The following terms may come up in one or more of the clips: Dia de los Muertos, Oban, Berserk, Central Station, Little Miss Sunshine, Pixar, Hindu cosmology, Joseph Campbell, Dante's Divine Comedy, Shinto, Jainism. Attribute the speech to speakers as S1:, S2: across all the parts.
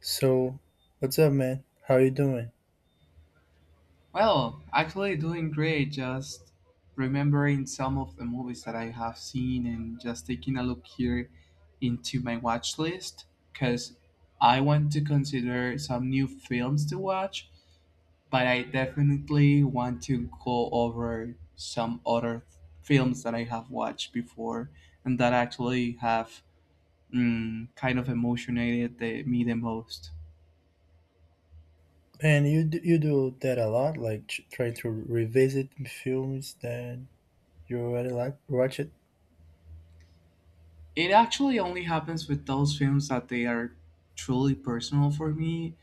S1: So, what's up, man? How you doing?
S2: Well, actually doing great. Just remembering some of the movies that I have seen and just taking a look here into my watch list because I want to consider some new films to watch, but I definitely want to go over some other films that I have watched before and that actually have kind of emotionated me the most.
S1: Man, you do that a lot, like trying to revisit films that you already like watched.
S2: It actually only happens with those films that they are truly personal for me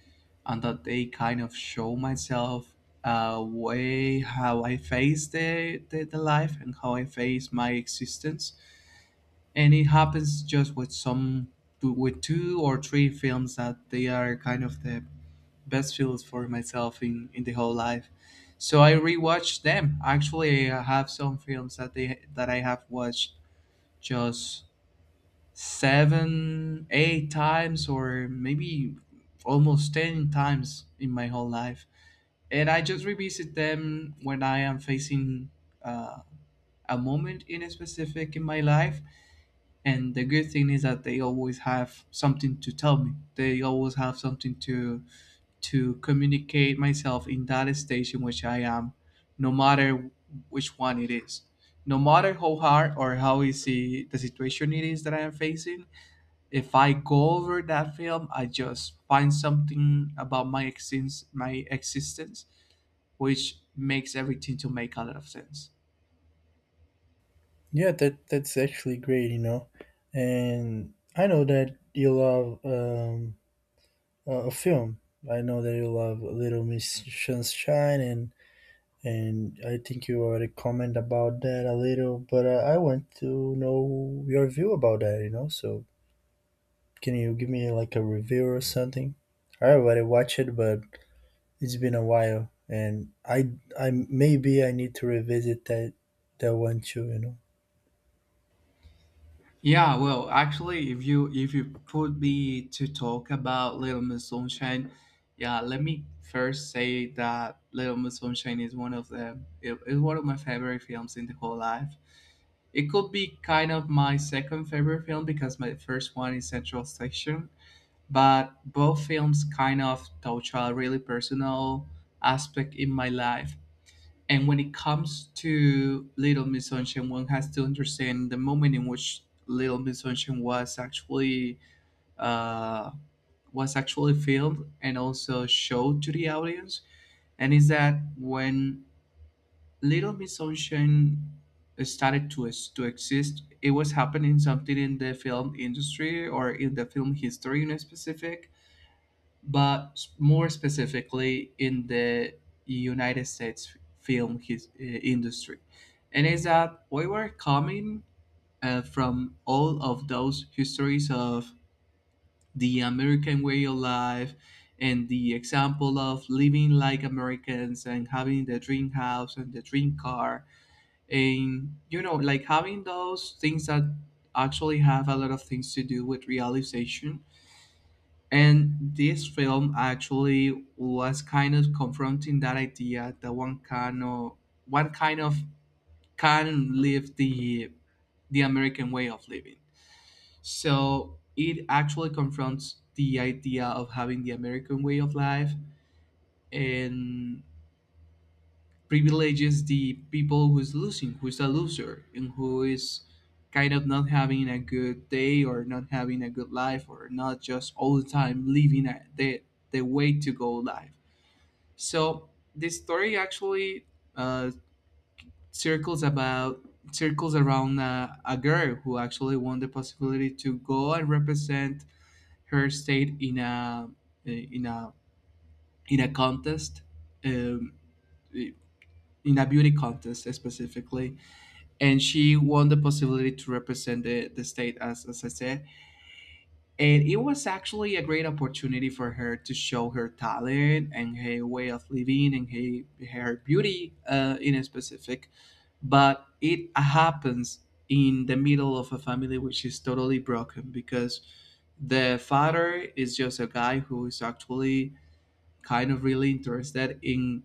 S2: and that they kind of show myself way how I face the life and how I face my existence. And it happens just with with two or three films that they are kind of the best films for myself in the whole life. So I rewatched them. Actually, I have some films that they that I have watched just seven, eight times, or maybe almost 10 times in my whole life. And I just revisit them when I am facing uh, a moment in a specific in my life. And the good thing is that they always have something to tell me. They always have something to communicate myself in that stage in which I am, no matter which one it is. No matter how hard or how easy the situation it is that I am facing, if I go over that film, I just find something about my existence, which makes everything to make a lot of sense.
S1: Yeah, that's actually great, you know. And I know that you love a film. I know that you love Little Miss Sunshine, and I think you already comment about that a little. But I want to know your view about that, you know. So can you give me like a review or something? I already watched it, but it's been a while, and I maybe I need to revisit that one too. You know.
S2: Yeah, well, actually, if you put me to talk about Little Miss Sunshine, yeah, let me first say that Little Miss Sunshine is one of the it is one of my favorite films in the whole life. It could be kind of my second favorite film because my first one is Central Station, but both films kind of touch a really personal aspect in my life. And when it comes to Little Miss Sunshine, one has to understand the moment in which Little Miss Sunshine was uh, actually filmed and also showed to the audience. And is that when Little Miss Sunshine started to exist, it was happening something in the film industry or in the film history in specific but more specifically in the United States film industry. And is that we were coming from all of those histories of the American way of life and the example of living like Americans and having the dream house and the dream car, and you know like having those things that actually have a lot of things to do with realization. And this film actually was kind of confronting that idea that one kind of can live the American way of living. So it actually confronts the idea of having the American way of life and privileges the people who's who's a loser, and who is kind of not having a good day or not having a good life or not just all the time living the way to go life. So this story actually uh, circles about circles around a girl who actually won the possibility to go and represent her state in a in a contest, um, in a beauty contest specifically. And she won the possibility to represent the state as I said, and it was actually a great opportunity for her to show her talent and her way of living and her beauty in a specific, but it happens in the middle of a family which is totally broken because the father is just a guy who is actually kind of really interested in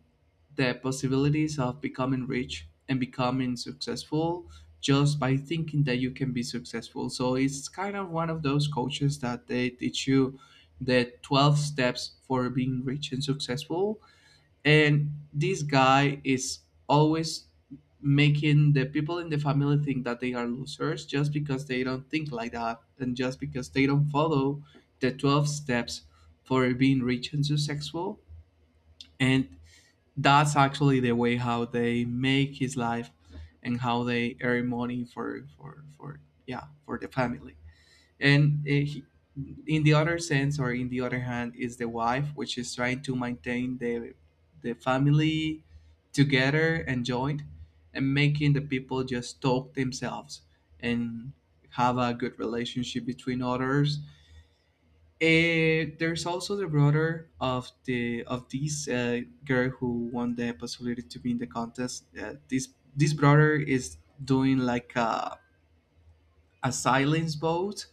S2: the possibilities of becoming rich and becoming successful just by thinking that you can be successful. So it's kind of one of those coaches that they teach you the 12 steps for being rich and successful. And this guy is always making the people in the family think that they are losers just because they don't think like that and just because they don't follow the 12 steps for being rich and successful, and that's actually the way how they make his life and how they earn money for yeah, for the family. and eh, he, in the other sense or in the other hand is the wife, which is trying to maintain the family together and joined, and making the people just talk themselves and have a good relationship between others. There's also the brother of the of this girl who won the possibility to be in the contest. This brother is doing like a silence vote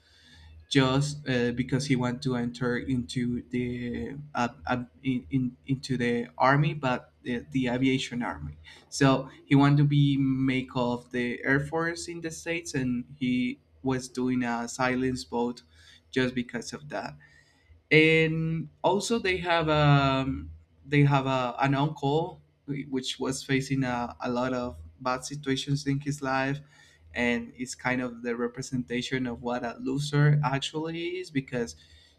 S2: just because he want to enter into the into the army, but the aviation army. So he want to be make of the air force in the states, and he was doing a silence vote just because of that. And also they have an uncle which was facing a lot of bad situations in his life, and it's kind of the representation of what a loser actually is because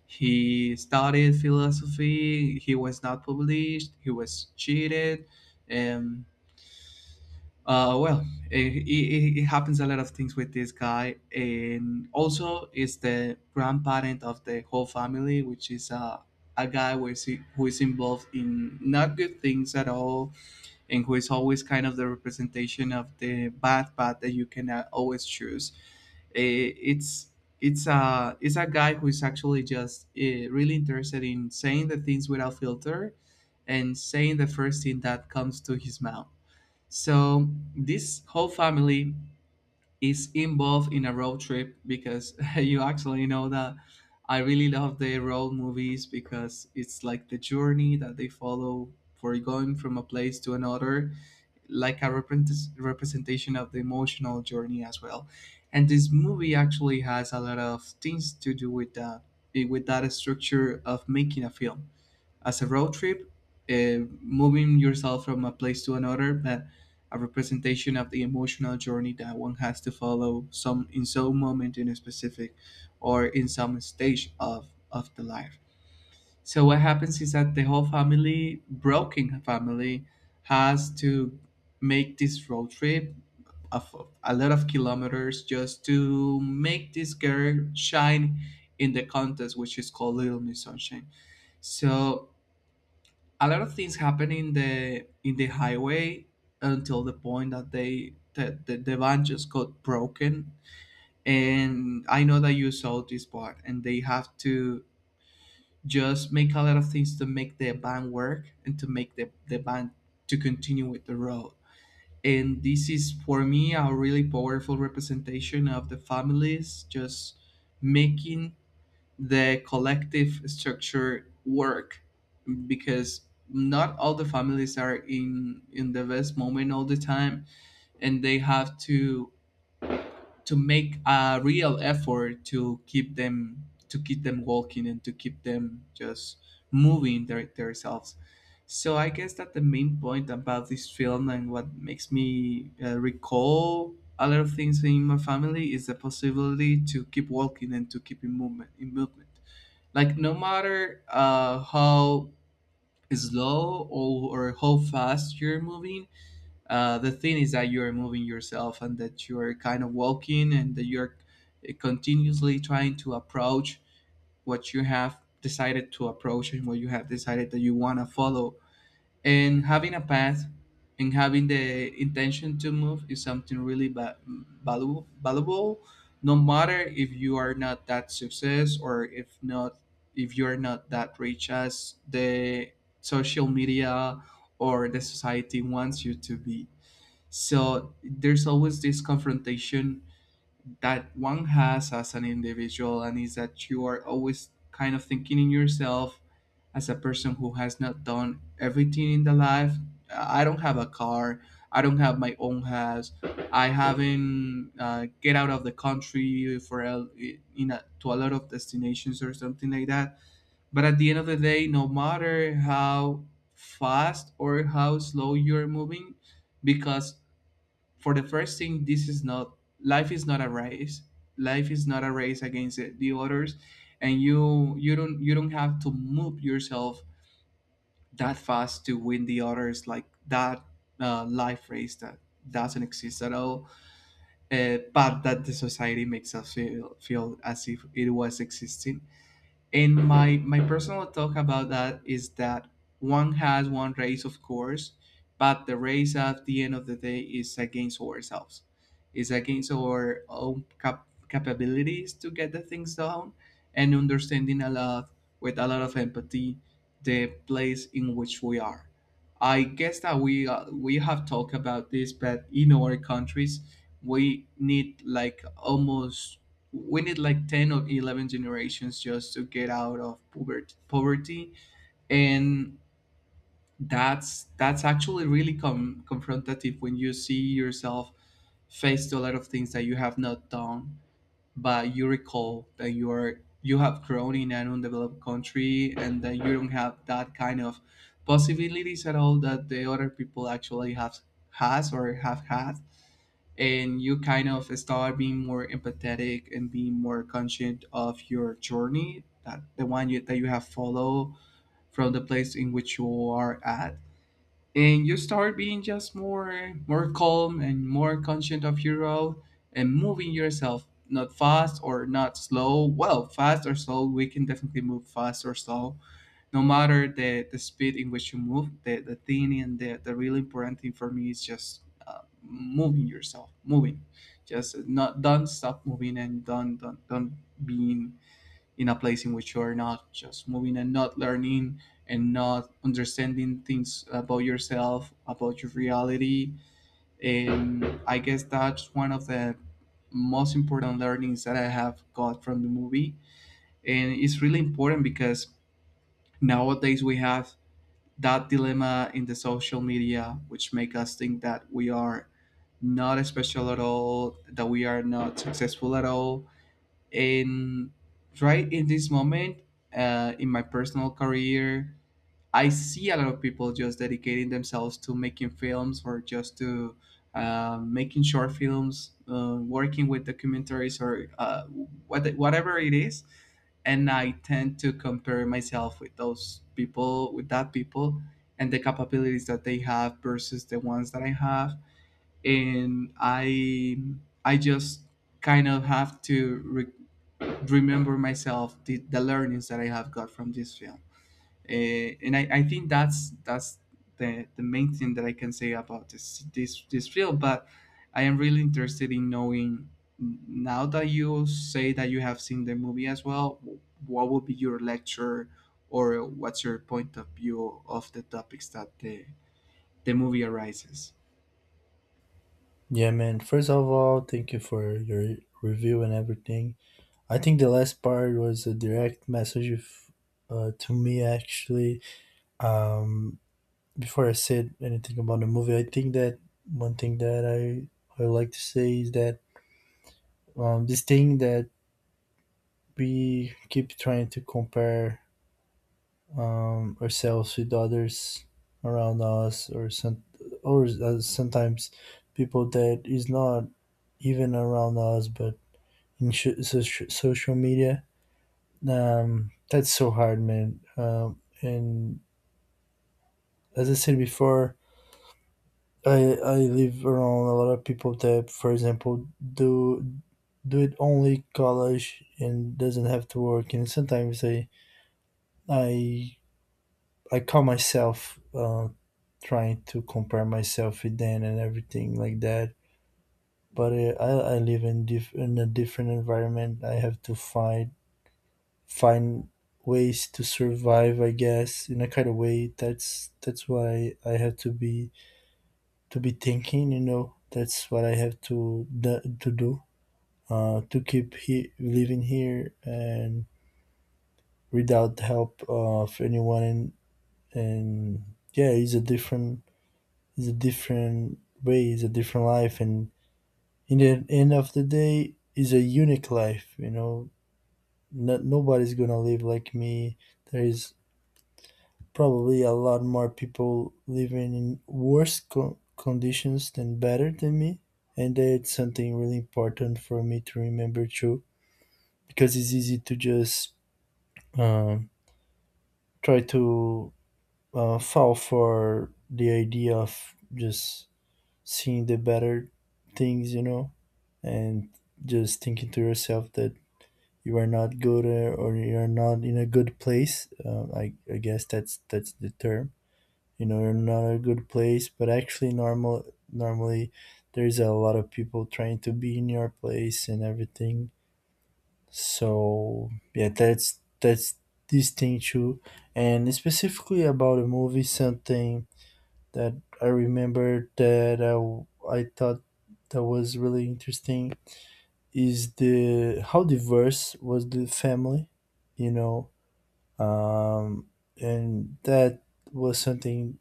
S2: he studied philosophy, he was not published, he was cheated and. Uh, well, it happens a lot of things with this guy. And also is the grandparent of the whole family, which is a guy who is involved in not good things at all, and who is always kind of the representation of the bad path that you can always choose. It's it's a guy who is actually just really interested in saying the things without filter and saying the first thing that comes to his mouth. So this whole family is involved in a road trip because you actually know that I really love the road movies because it's like the journey that they follow for going from a place to another, like a representation of the emotional journey as well. And this movie actually has a lot of things to do with that, with that structure of making a film as a road trip, moving yourself from a place to another, but a representation of the emotional journey that one has to follow some in some moment in a specific or in some stage of the life. So what happens is that the whole family, broken family, has to make this road trip of a lot of kilometers just to make this girl shine in the contest, which is called Little Miss Sunshine. So a lot of things happen in the highway until the point that the van just got broken. And I know that you saw this part, and they have to just make a lot of things to make the van work and to make the van to continue with the road. And this is for me a really powerful representation of the families just making the collective structure work, because not all the families are in the best moment all the time, and they have to make a real effort to keep them, to keep them walking, and to keep them just moving themselves. So I guess that the main point about this film and what makes me recall a lot of things in my family is the possibility to keep walking and to keep in movement, like no matter how slow or how fast you're moving. The thing is that you're moving yourself and that you're kind of walking and that you're continuously trying to approach what you have decided to approach and what you have decided that you want to follow, and having a path and having the intention to move is something really valuable no matter if you are not that success, or if not, if you are not that rich as the social media or the society wants you to be. So there's always this confrontation that one has as an individual, and is that you are always kind of thinking in yourself as a person who has not done everything in the life. I don't have a car, I don't have my own house, I haven't get out of the country for a, in a, to a lot of destinations or something like that. But at the end of the day, no matter how fast or how slow you're moving, because for the first thing, this is not, life is not a race. Life is not a race against the others, and you don't, you don't have to move yourself that fast to win the others, like that life race that doesn't exist at all. But that the society makes us feel as if it was existing. And my personal talk about that is that one has one race, of course, but the race at the end of the day is against ourselves. It's against our own capabilities to get the things down, and understanding a lot, with a lot of empathy, the place in which we are. I guess that we have talked about this, but in our countries, we need like almost, we need like 10 or 11 generations just to get out of poverty. And that's actually really confrontative when you see yourself face to a lot of things that you have not done, but you recall that you have grown in an undeveloped country, and that you don't have that kind of possibilities at all that the other people actually have has or have had. And you kind of start being more empathetic and being more conscient of your journey, that the that you have followed from the place in which you are at. And you start being just more calm and more conscient of your role, and moving yourself not fast or not slow, well, fast or slow, we can definitely move fast or slow. No matter the speed in which you move, the thing and the really important thing for me is just moving yourself, moving, just not, don't stop moving, and don't being in a place in which you are not just moving and not learning and not understanding things about yourself, about your reality. And I guess that's one of the most important learnings that I have got from the movie. And it's really important because nowadays we have that dilemma in the social media, which make us think that we are not special at all, that we are not successful at all, and right in this moment in my personal career, I see a lot of people just dedicating themselves to making films, or just to making short films, working with documentaries, or whatever it is. And I tend to compare myself with those people, with that people, and the capabilities that they have versus the ones that I have. And I just kind of have to remember myself the learnings that I have got from this film. And I think that's the main thing that I can say about this this film. But I am really interested in knowing, now that you say that you have seen the movie as well, what would be your lecture, or what's your point of view of the topics that the movie arises?
S1: Yeah, man. First of all, thank you for your review and everything. I think the last part was a direct message to me actually. Um, Before I said anything about the movie, I think that one thing that I would like to say is that this thing that we keep trying to compare ourselves with others around us, or some, or sometimes people that is not even around us but in social media, that's so hard, man, and as I said before, I live around a lot of people that, for example, do do it only college and doesn't have to work, and sometimes i I call myself, trying to compare myself with them and everything like that. But I live in, in a different environment. I have to find find ways to survive, I guess, in a kind of way. That's why I have to be thinking. You know, that's what I have to to do, to keep living here and without help of anyone. And yeah, it's a different, it's a different way, it's a different life, and in the end of the day is a unique life, you know. No, Nobody's gonna live like me. There is probably a lot more people living in worse conditions than better than me, and that's something really important for me to remember too, because it's easy to just, um, try to, fall for the idea of just seeing the better things, you know, and just thinking to yourself that you are not good, or you're not in a good place. I guess that's the term. You know, you're not in a good place, but actually, normally there's a lot of people trying to be in your place and everything. So yeah, that's this thing too. And specifically about a movie, something that I remember that I thought that was really interesting is the how diverse was the family, you know. um, and that was something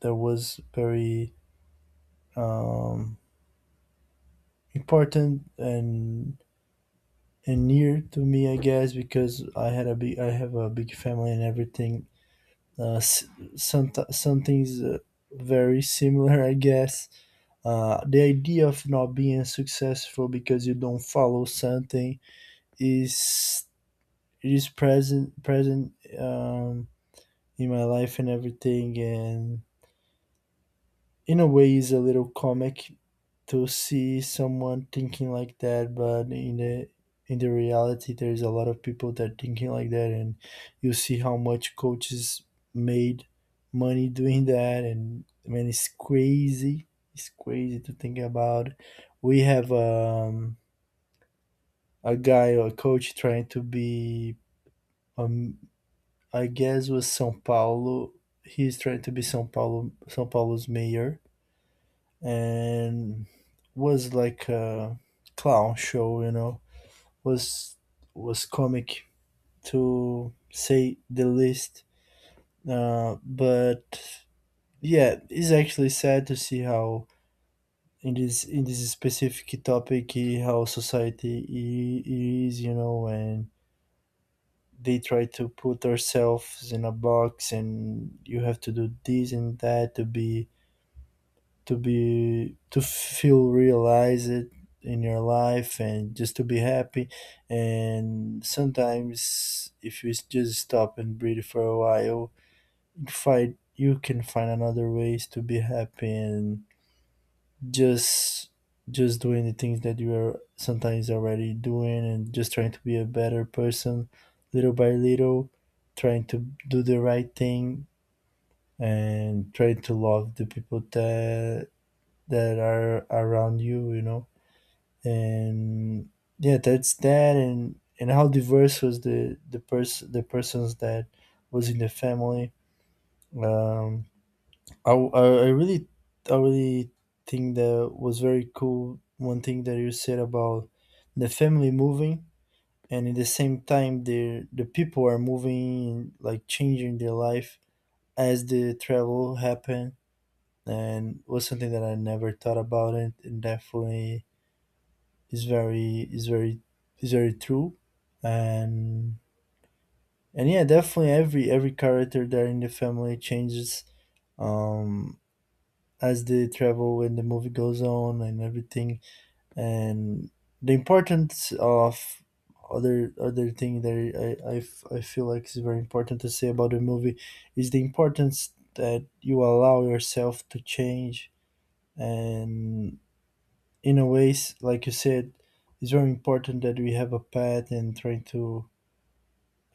S1: that was very, um, important and near to me, I guess, because I had a big, I have a big family and everything. Uh, s- some some things very similar, I guess. The idea of not being successful because you don't follow something is, it is present, in my life and everything. And in a way is a little comic to see someone thinking like that, but in the, in the reality, there's a lot of people that thinking like that. And you see how much coaches made money doing that, and man, it's crazy. It's crazy to think about. We have, a guy or a coach trying to be, um, I guess was Sao Paulo, he's trying to be Sao Paulo's mayor. And was like a clown show, you know, was was comic to say the least. But yeah, it's actually sad to see how in this specific topic, how society is, you know, and they try to put ourselves in a box, and you have to do this and that to be, to feel realized in your life and just to be happy. And sometimes if you just stop and breathe for a while, you find, you can find another ways to be happy and just, doing the things that you are sometimes already doing, and just trying to be a better person little by little, trying to do the right thing, and trying to love the people that that are around you, you know. And yeah, that's that. And how diverse was the person the persons that was in the family. um I really, I really think that was very cool. One thing that you said about the family moving and at the same time the people are moving, like changing their life as the travel happened, and was something that I never thought about it. And definitely is very, is very is very true. and and yeah, definitely every character there in the family changes, um as they travel and the movie goes on and everything. And the importance of other thing that I feel like is very important to say about the movie is the importance that you allow yourself to change. And in a ways, like you said, it's very important that we have a path and try to,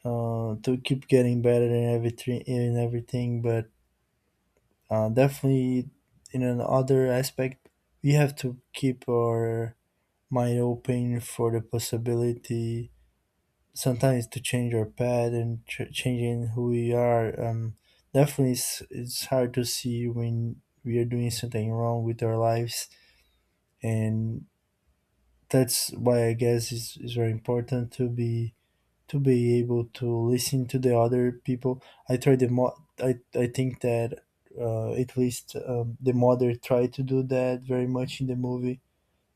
S1: to keep getting better in everything, in everything. But definitely, in another aspect, we have to keep our mind open for the possibility sometimes to change our path and changing who we are. Definitely, it's hard to see when we are doing something wrong with our lives. And that's why I guess it's very important to be able to listen to the other people. I try the I think that, at least, the mother tried to do that very much in the movie.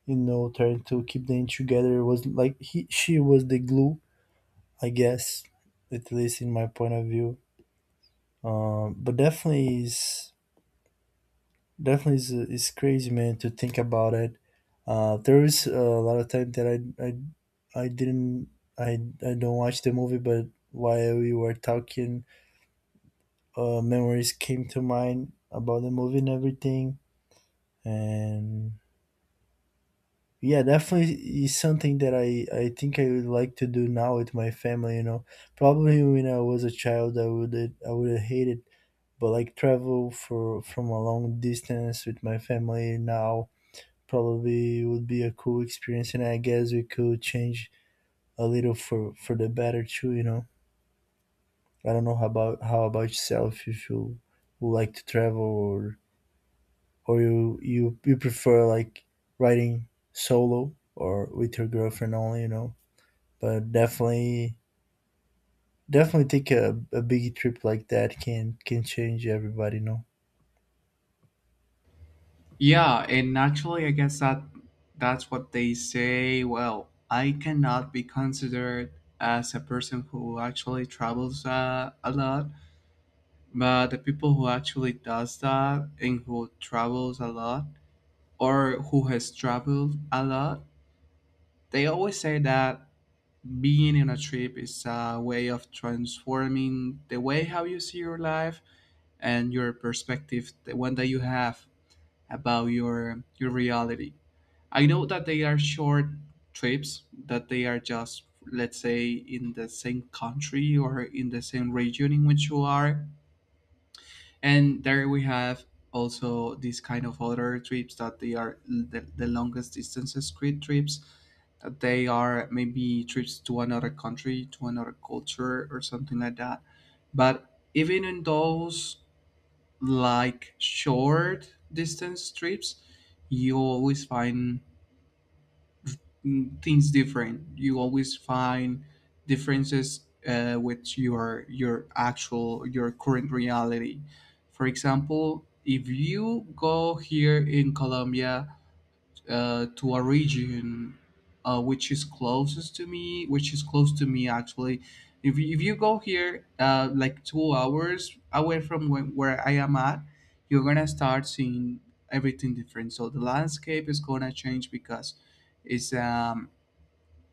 S1: You know, trying to keep them together. It was like he she was the glue, I guess, at least in my point of view. But definitely is crazy, man, to think about it. There is a lot of time that I didn't. I I don't watch the movie, but while we were talking, memories came to mind about the movie and everything. And yeah, definitely is something that I think I would like to do now with my family. You know, probably when I was a child, I would, I would have hated, but like travel for from a long distance with my family now probably would be a cool experience, and I guess we could change a little for the better too. You know. I don't know how about, how about yourself. If you would like to travel, or you you prefer like riding solo or with your girlfriend only, you know. But definitely take a big trip like that can change everybody, you know.
S2: Yeah, and actually, I guess that that's what they say. Well, I cannot be considered as a person who actually travels a lot, but the people who actually does that and who travels a lot, or who has traveled a lot, they always say that being in a trip is a way of transforming the way how you see your life and your perspective, the one that you have about your reality. I know that they are short trips, that they are just, let's say, in the same country or in the same region in which you are. And there we have also these kind of other trips that they are the longest distances street trips, that they are maybe trips to another country, to another culture, or something like that. But even in those like short distance trips, you always find, mm, things different. You always find differences with your current reality. For example, if you go here in Colombia to a region which is close to me actually. If you go here like 2 hours away from where I am at, you're gonna start seeing everything different. So the landscape is gonna change because it's um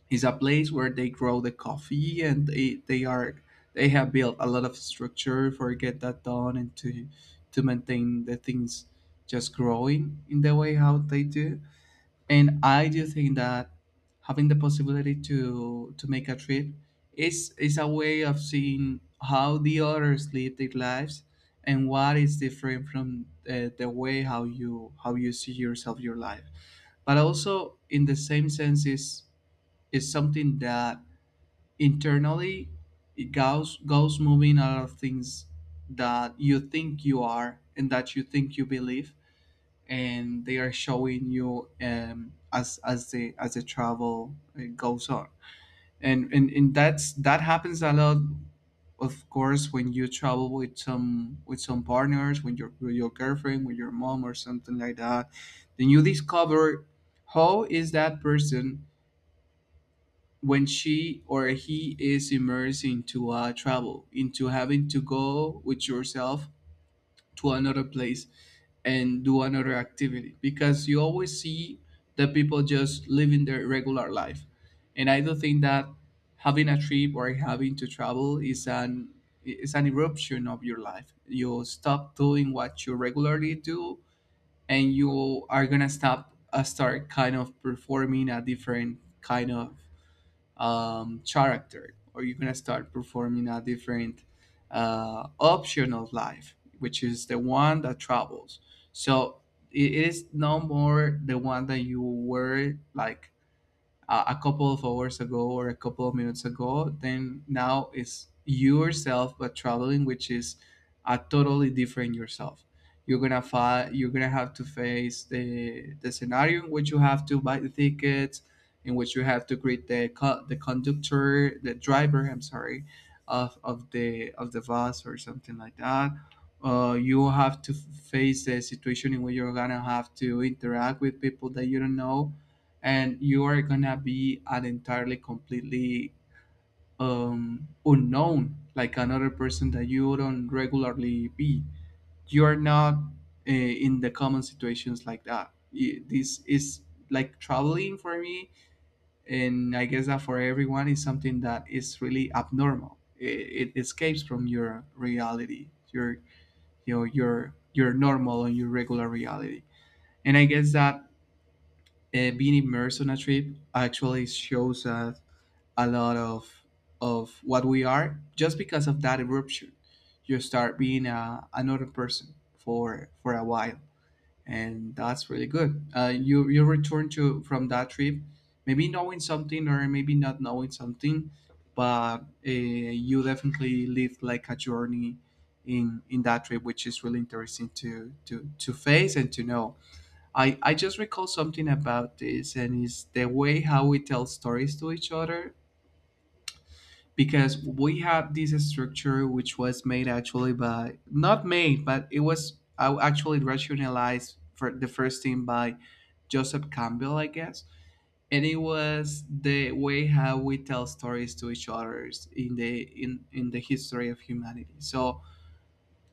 S2: it's a place where they grow the coffee, and they are they have built a lot of structure for get that done, and to maintain the things just growing in the way how they do. And I do think that having the possibility to make a trip is a way of seeing how the others live their lives, and what is different from the way how you see yourself your life. But also in the same sense is something that internally it goes moving a lot of things that you think you are and that you think you believe, and they are showing you, as the travel goes on. And that's, that happens a lot, of course, when you travel with some, with some partners, when your with your girlfriend, with your mom, or something like that. Then you discover how is that person when she or he is immersed into travel, into having to go with yourself to another place and do another activity, because you always see the people just living their regular life. And I do think that having a trip or having to travel is an, is an eruption of your life. You stop doing what you regularly do, and you are gonna stop start kind of performing a different kind of, character, or you're going to start performing a different option of life, which is the one that travels. So it is no more the one that you were like a couple of hours ago or a couple of minutes ago. Then now it's yourself but traveling, which is a totally different yourself. You're gonna you're gonna have to face the scenario in which you have to buy the tickets, in which you have to greet the the conductor, the driver, I'm sorry, of the bus or something like that. You have to face the situation in which you're gonna have to interact with people that you don't know, and you are gonna be an entirely, completely, unknown, like another person that you don't regularly be. You're not in the common situations like that. This is like traveling for me, and I guess that for everyone is something that is really abnormal. It escapes from your reality, your, you know, your normal and your regular reality. And I guess that being immersed on a trip actually shows us a lot of what we are, just because of that eruption, you start being a, another person for a while. And that's really good. You you return to from that trip maybe knowing something or maybe not knowing something, but you definitely lived like a journey in that trip, which is really interesting to face and to know. I just recall something about this, and it's the way how we tell stories to each other, because we have this structure which was made, actually, by, not made, but it was actually rationalized for the first thing by Joseph Campbell, I guess. And it was the way how we tell stories to each others in the in the history of humanity. So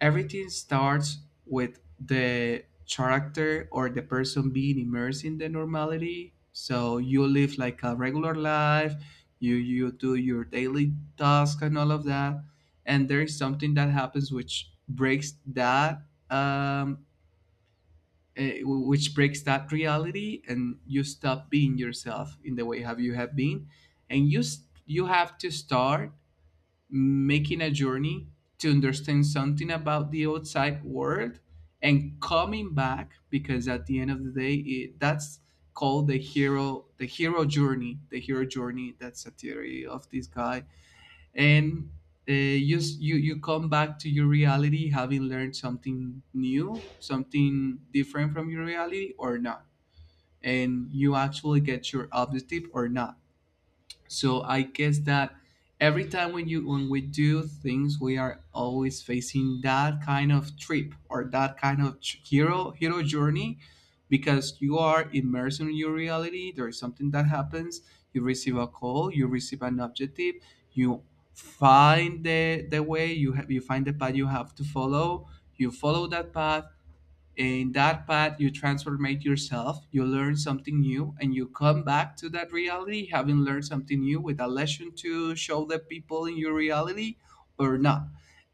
S2: everything starts with the character or the person being immersed in the normality. So you live like a regular life, you do your daily task and all of that, and there is something that happens which breaks that, um which breaks that reality, and you stop being yourself in the way have you have been, and you you have to start making a journey to understand something about the outside world, and coming back. Because at the end of the day it, that's called the hero journey. That's a theory of this guy. And you, you you come back to your reality having learned something new, something different from your reality or not, and you actually get your objective or not. So I guess that every time when you, when we do things, we are always facing that kind of trip or that kind of hero journey, because you are immersed in your reality. There is something that happens. You receive a call. You receive an objective. You find the way. You have, you find the path you have to follow. You follow that path in that path you transformate yourself, you learn something new, and you come back to that reality having learned something new with a lesson to show the people in your reality or not.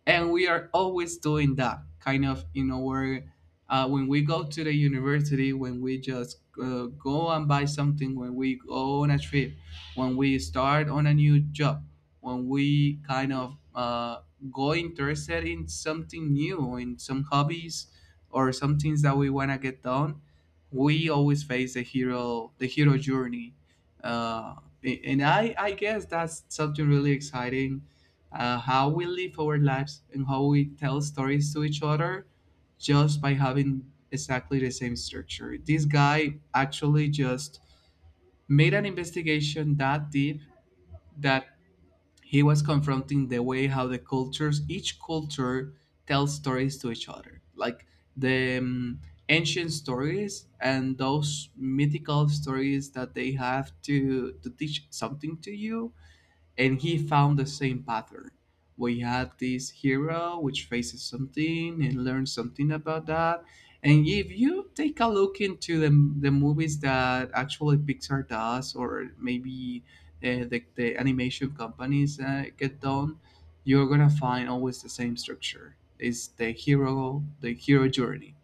S2: And we are always doing that kind of in our when we go to the university, when we just go and buy something, when we go on a trip, when we start on a new job, when we kind of go interested in something new, in some hobbies or some things that we want to get done, we always face the hero journey. Uh, a- and i i guess that's something really exciting, how we live our lives and how we tell stories to each other, just by having exactly the same structure. This guy actually just made an investigation that deep, that he was confronting the way how the cultures, each culture, tells stories to each other, like the ancient stories and those mythical stories that they have to teach something to you, and he found the same pattern. We had this hero which faces something and learns something about that. And if you take a look into the movies that actually Pixar does, or maybe the animation companies get done, you're gonna find always the same structure. It's the hero journey.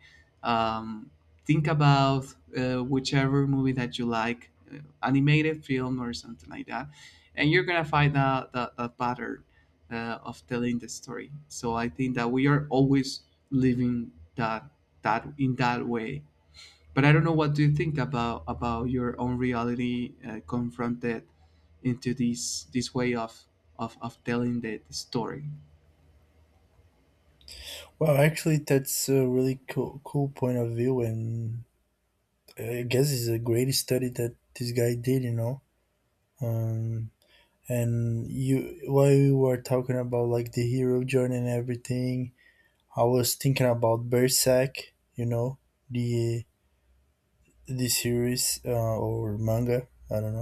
S2: Um, think about whichever movie that you like, animated film or something like that, and you're gonna find that pattern of telling the story. So I think that we are always living that in that way. But I don't know, what do you think about your own reality confronted into this way of telling the story?
S1: Well, actually, that's a really cool point of view. And I guess it's a great study that this guy did, you know. Um and you, while we were talking about like the hero journey and everything, I was thinking about Berserk, you know, the the series, or manga, I don't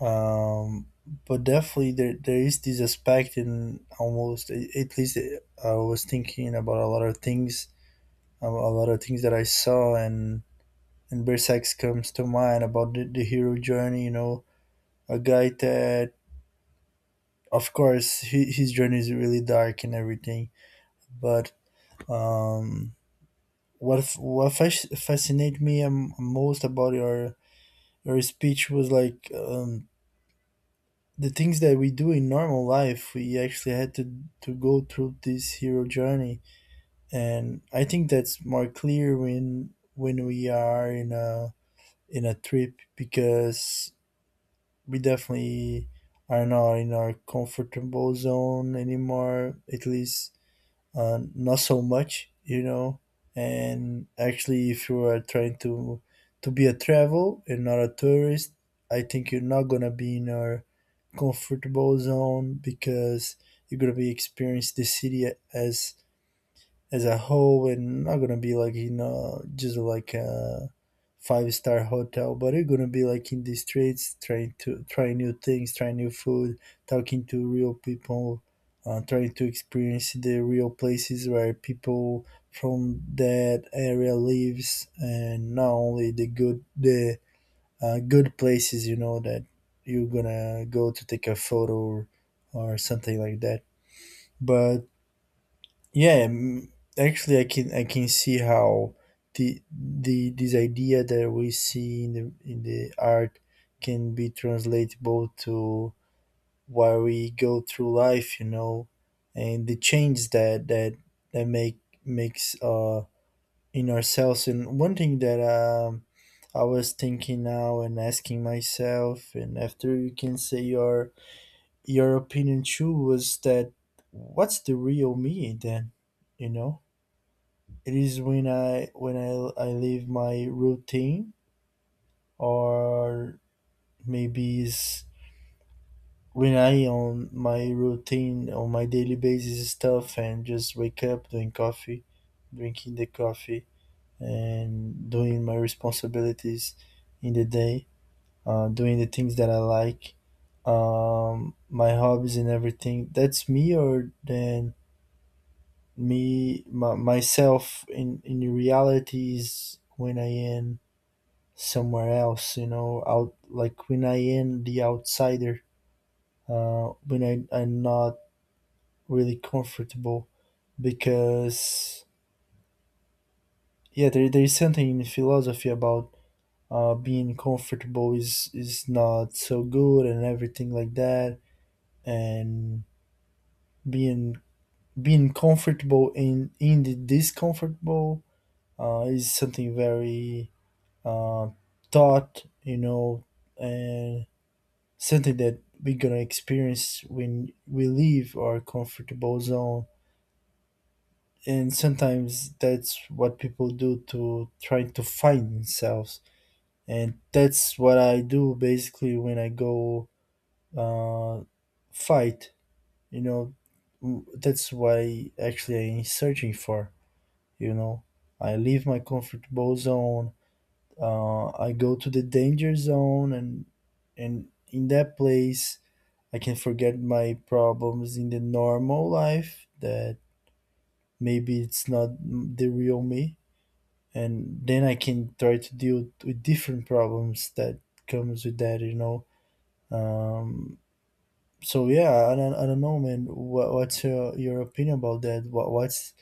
S1: know. But definitely there, there is this aspect in almost at least, I was thinking about a lot of things, a lot of things that I saw. And Berserk comes to mind about the hero journey, you know, a guy that, of course, he, his journey is really dark and everything. But um what fascinated me, most about your speech was like, the things that we do in normal life, we actually had to go through this hero journey. And I think that's more clear when we are in a, in a trip, because we definitely are not in our comfortable zone anymore, at least, not so much, you know. And actually, if you are trying to be a travel and not a tourist, I think you're not gonna be in our comfortable zone, because you're gonna be experience the city as a whole, and not gonna be like, you know, just like a five-star hotel, but you're gonna be like in the streets, trying to try new things, try new food, talking to real people, trying to experience the real places where people from that area lives, and not only the good places, you know, that you're gonna go to take a photo, or something like that. But yeah, actually, I can see how the this idea that we see in the, in the art can be translatable to where we go through life, you know, and the change that that makes, in ourselves. And one thing that I was thinking now and asking myself, and after you can say your opinion too, was that what's the real me then, you know? It is when I leave my routine, or maybe it's when I on my routine on my daily basis stuff and just wake up doing coffee, drinking the coffee and doing my responsibilities in the day, doing the things that I like, my hobbies and everything. That's me, or then myself in reality is when I am somewhere else, you know, out, like when I am the outsider, when I'm not really comfortable. Because yeah, there is something in philosophy about being comfortable is not so good and everything like that, and being being comfortable in the discomfortable is something very uh, taught, you know, and something that we're gonna experience when we leave our comfortable zone. And sometimes that's what people do to try to find themselves. And that's what I do basically when I go uh, fight. You know, that's why actually I'm searching for. You know, I leave my comfortable zone. I go to the danger zone, and in that place, I can forget my problems in the normal life that maybe it's not the real me, and then I can try to deal with different problems that comes with that, you know. Um, so yeah, I don't know, man. What's your opinion about that? What's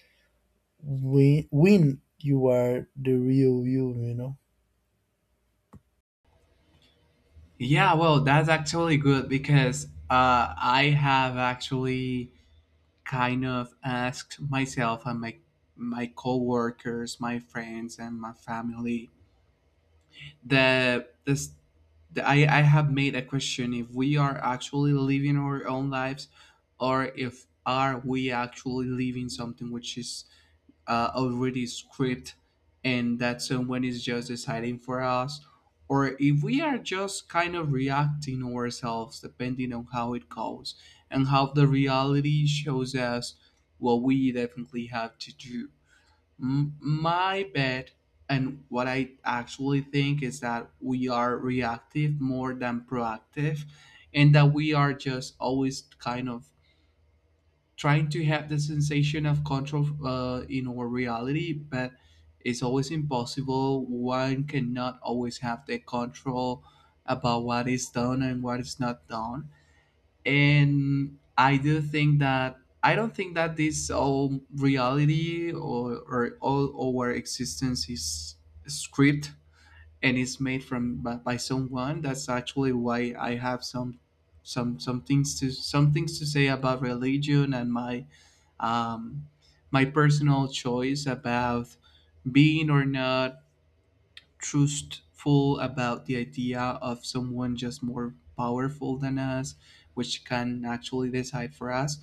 S1: when you are the real you, you know?
S2: Yeah, well, that's actually good because I have actually kind of asked myself and my coworkers, my friends, and my family the this the, I have made a question, if we are actually living our own lives, or if are we actually living something which is already script, and that someone is just deciding for us, or if we are just kind of reacting ourselves depending on how it goes and how the reality shows us what we definitely have to do. My bet and what I actually think is that we are reactive more than proactive, and that we are just always kind of trying to have the sensation of control in our reality. But it's always impossible, one cannot always have the control about what is done and what is not done. And I do think that, I don't think that this all reality, or all our existence is script and is made from by someone. That's actually why I have some things to say about religion and my um my personal choice about being or not trustful about the idea of someone just more powerful than us, which can actually decide for us.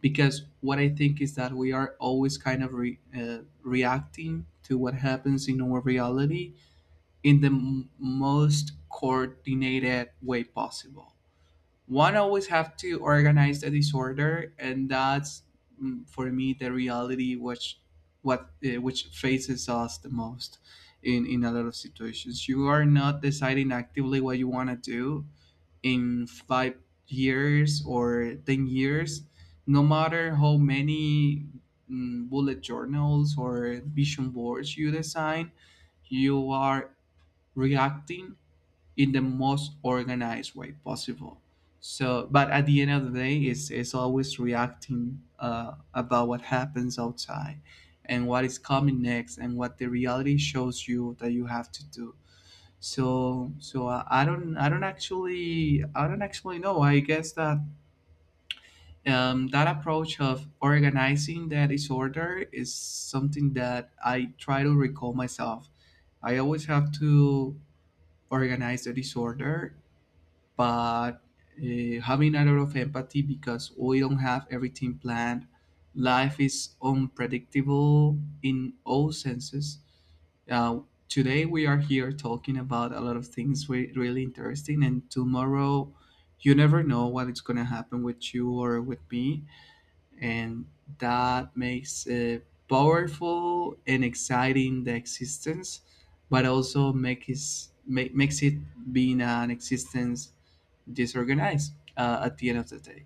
S2: Because what I think is that we are always kind of reacting to what happens in our reality in the most coordinated way possible. One always have to organize the disorder, and that's, mm, for me the reality which what which faces us the most. In a lot of situations you are not deciding actively what you want to do in 5 years or 10 years, no matter how many, mm, bullet journals or vision boards you design, you are reacting in the most organized way possible. So, but at the end of the day, it's always reacting about what happens outside and what is coming next and what the reality shows you that you have to do. So, so I, I don't actually know. I guess that that approach of organizing that disorder is something that I try to recall myself. I always have to organize the disorder, but having a lot of empathy, because we don't have everything planned. Life is unpredictable in all senses. Uh, Today we are here talking about a lot of things we really interesting, and tomorrow you never know what is going to happen with you or with me, and that makes it powerful and exciting the existence, but also makes it being an existence disorganized at the end of the day.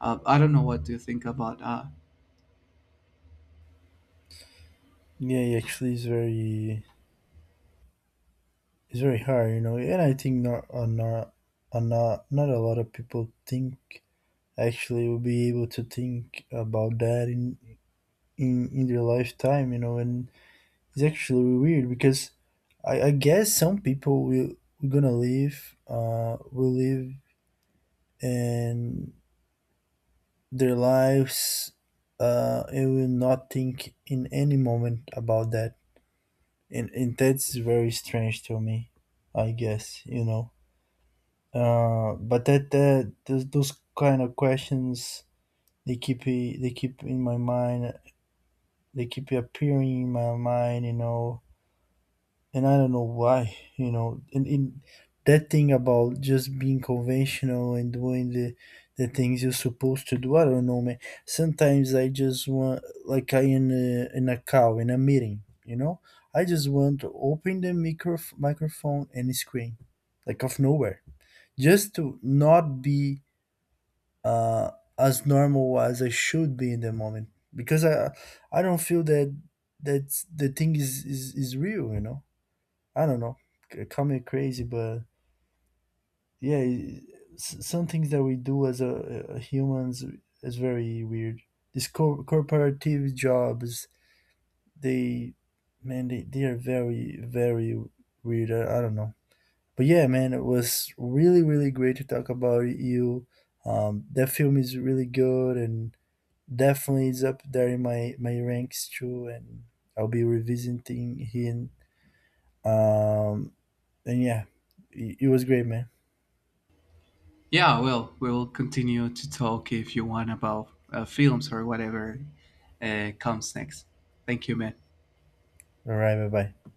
S2: I don't know what to think about.
S1: Yeah, it actually, it's very, it's very hard, you know. And I think not, not, not a lot of people think, actually will be able to think about that in their lifetime, you know. And it's actually really weird because I guess some people will gonna live will live and their lives and will not think in any moment about that. And that's very strange to me, I guess, you know. But those kind of questions they they keep in my mind, they keep appearing in my mind, you know, and I don't know why, you know, and that thing about just being conventional and doing the things you're supposed to do. I don't know, man. Sometimes I just want, like, I in a call in a meeting, you know, I just want to open the microphone and screen, like, of nowhere, just to not be uh, as normal as I should be in the moment, because I don't feel that that the thing is real, you know. I don't know. Call me crazy, but yeah, some things that we do as a humans is very weird. These corporative jobs, they, man, they are very, very weird. I don't know. But yeah, man, it was really, really great to talk about you. That film is really good, and definitely is up there in my my ranks too, and I'll be revisiting him. Um, and yeah, it was great, man.
S2: Yeah, well, we'll continue to talk if you want about films or whatever comes next. Thank you, man.
S1: All right, bye bye.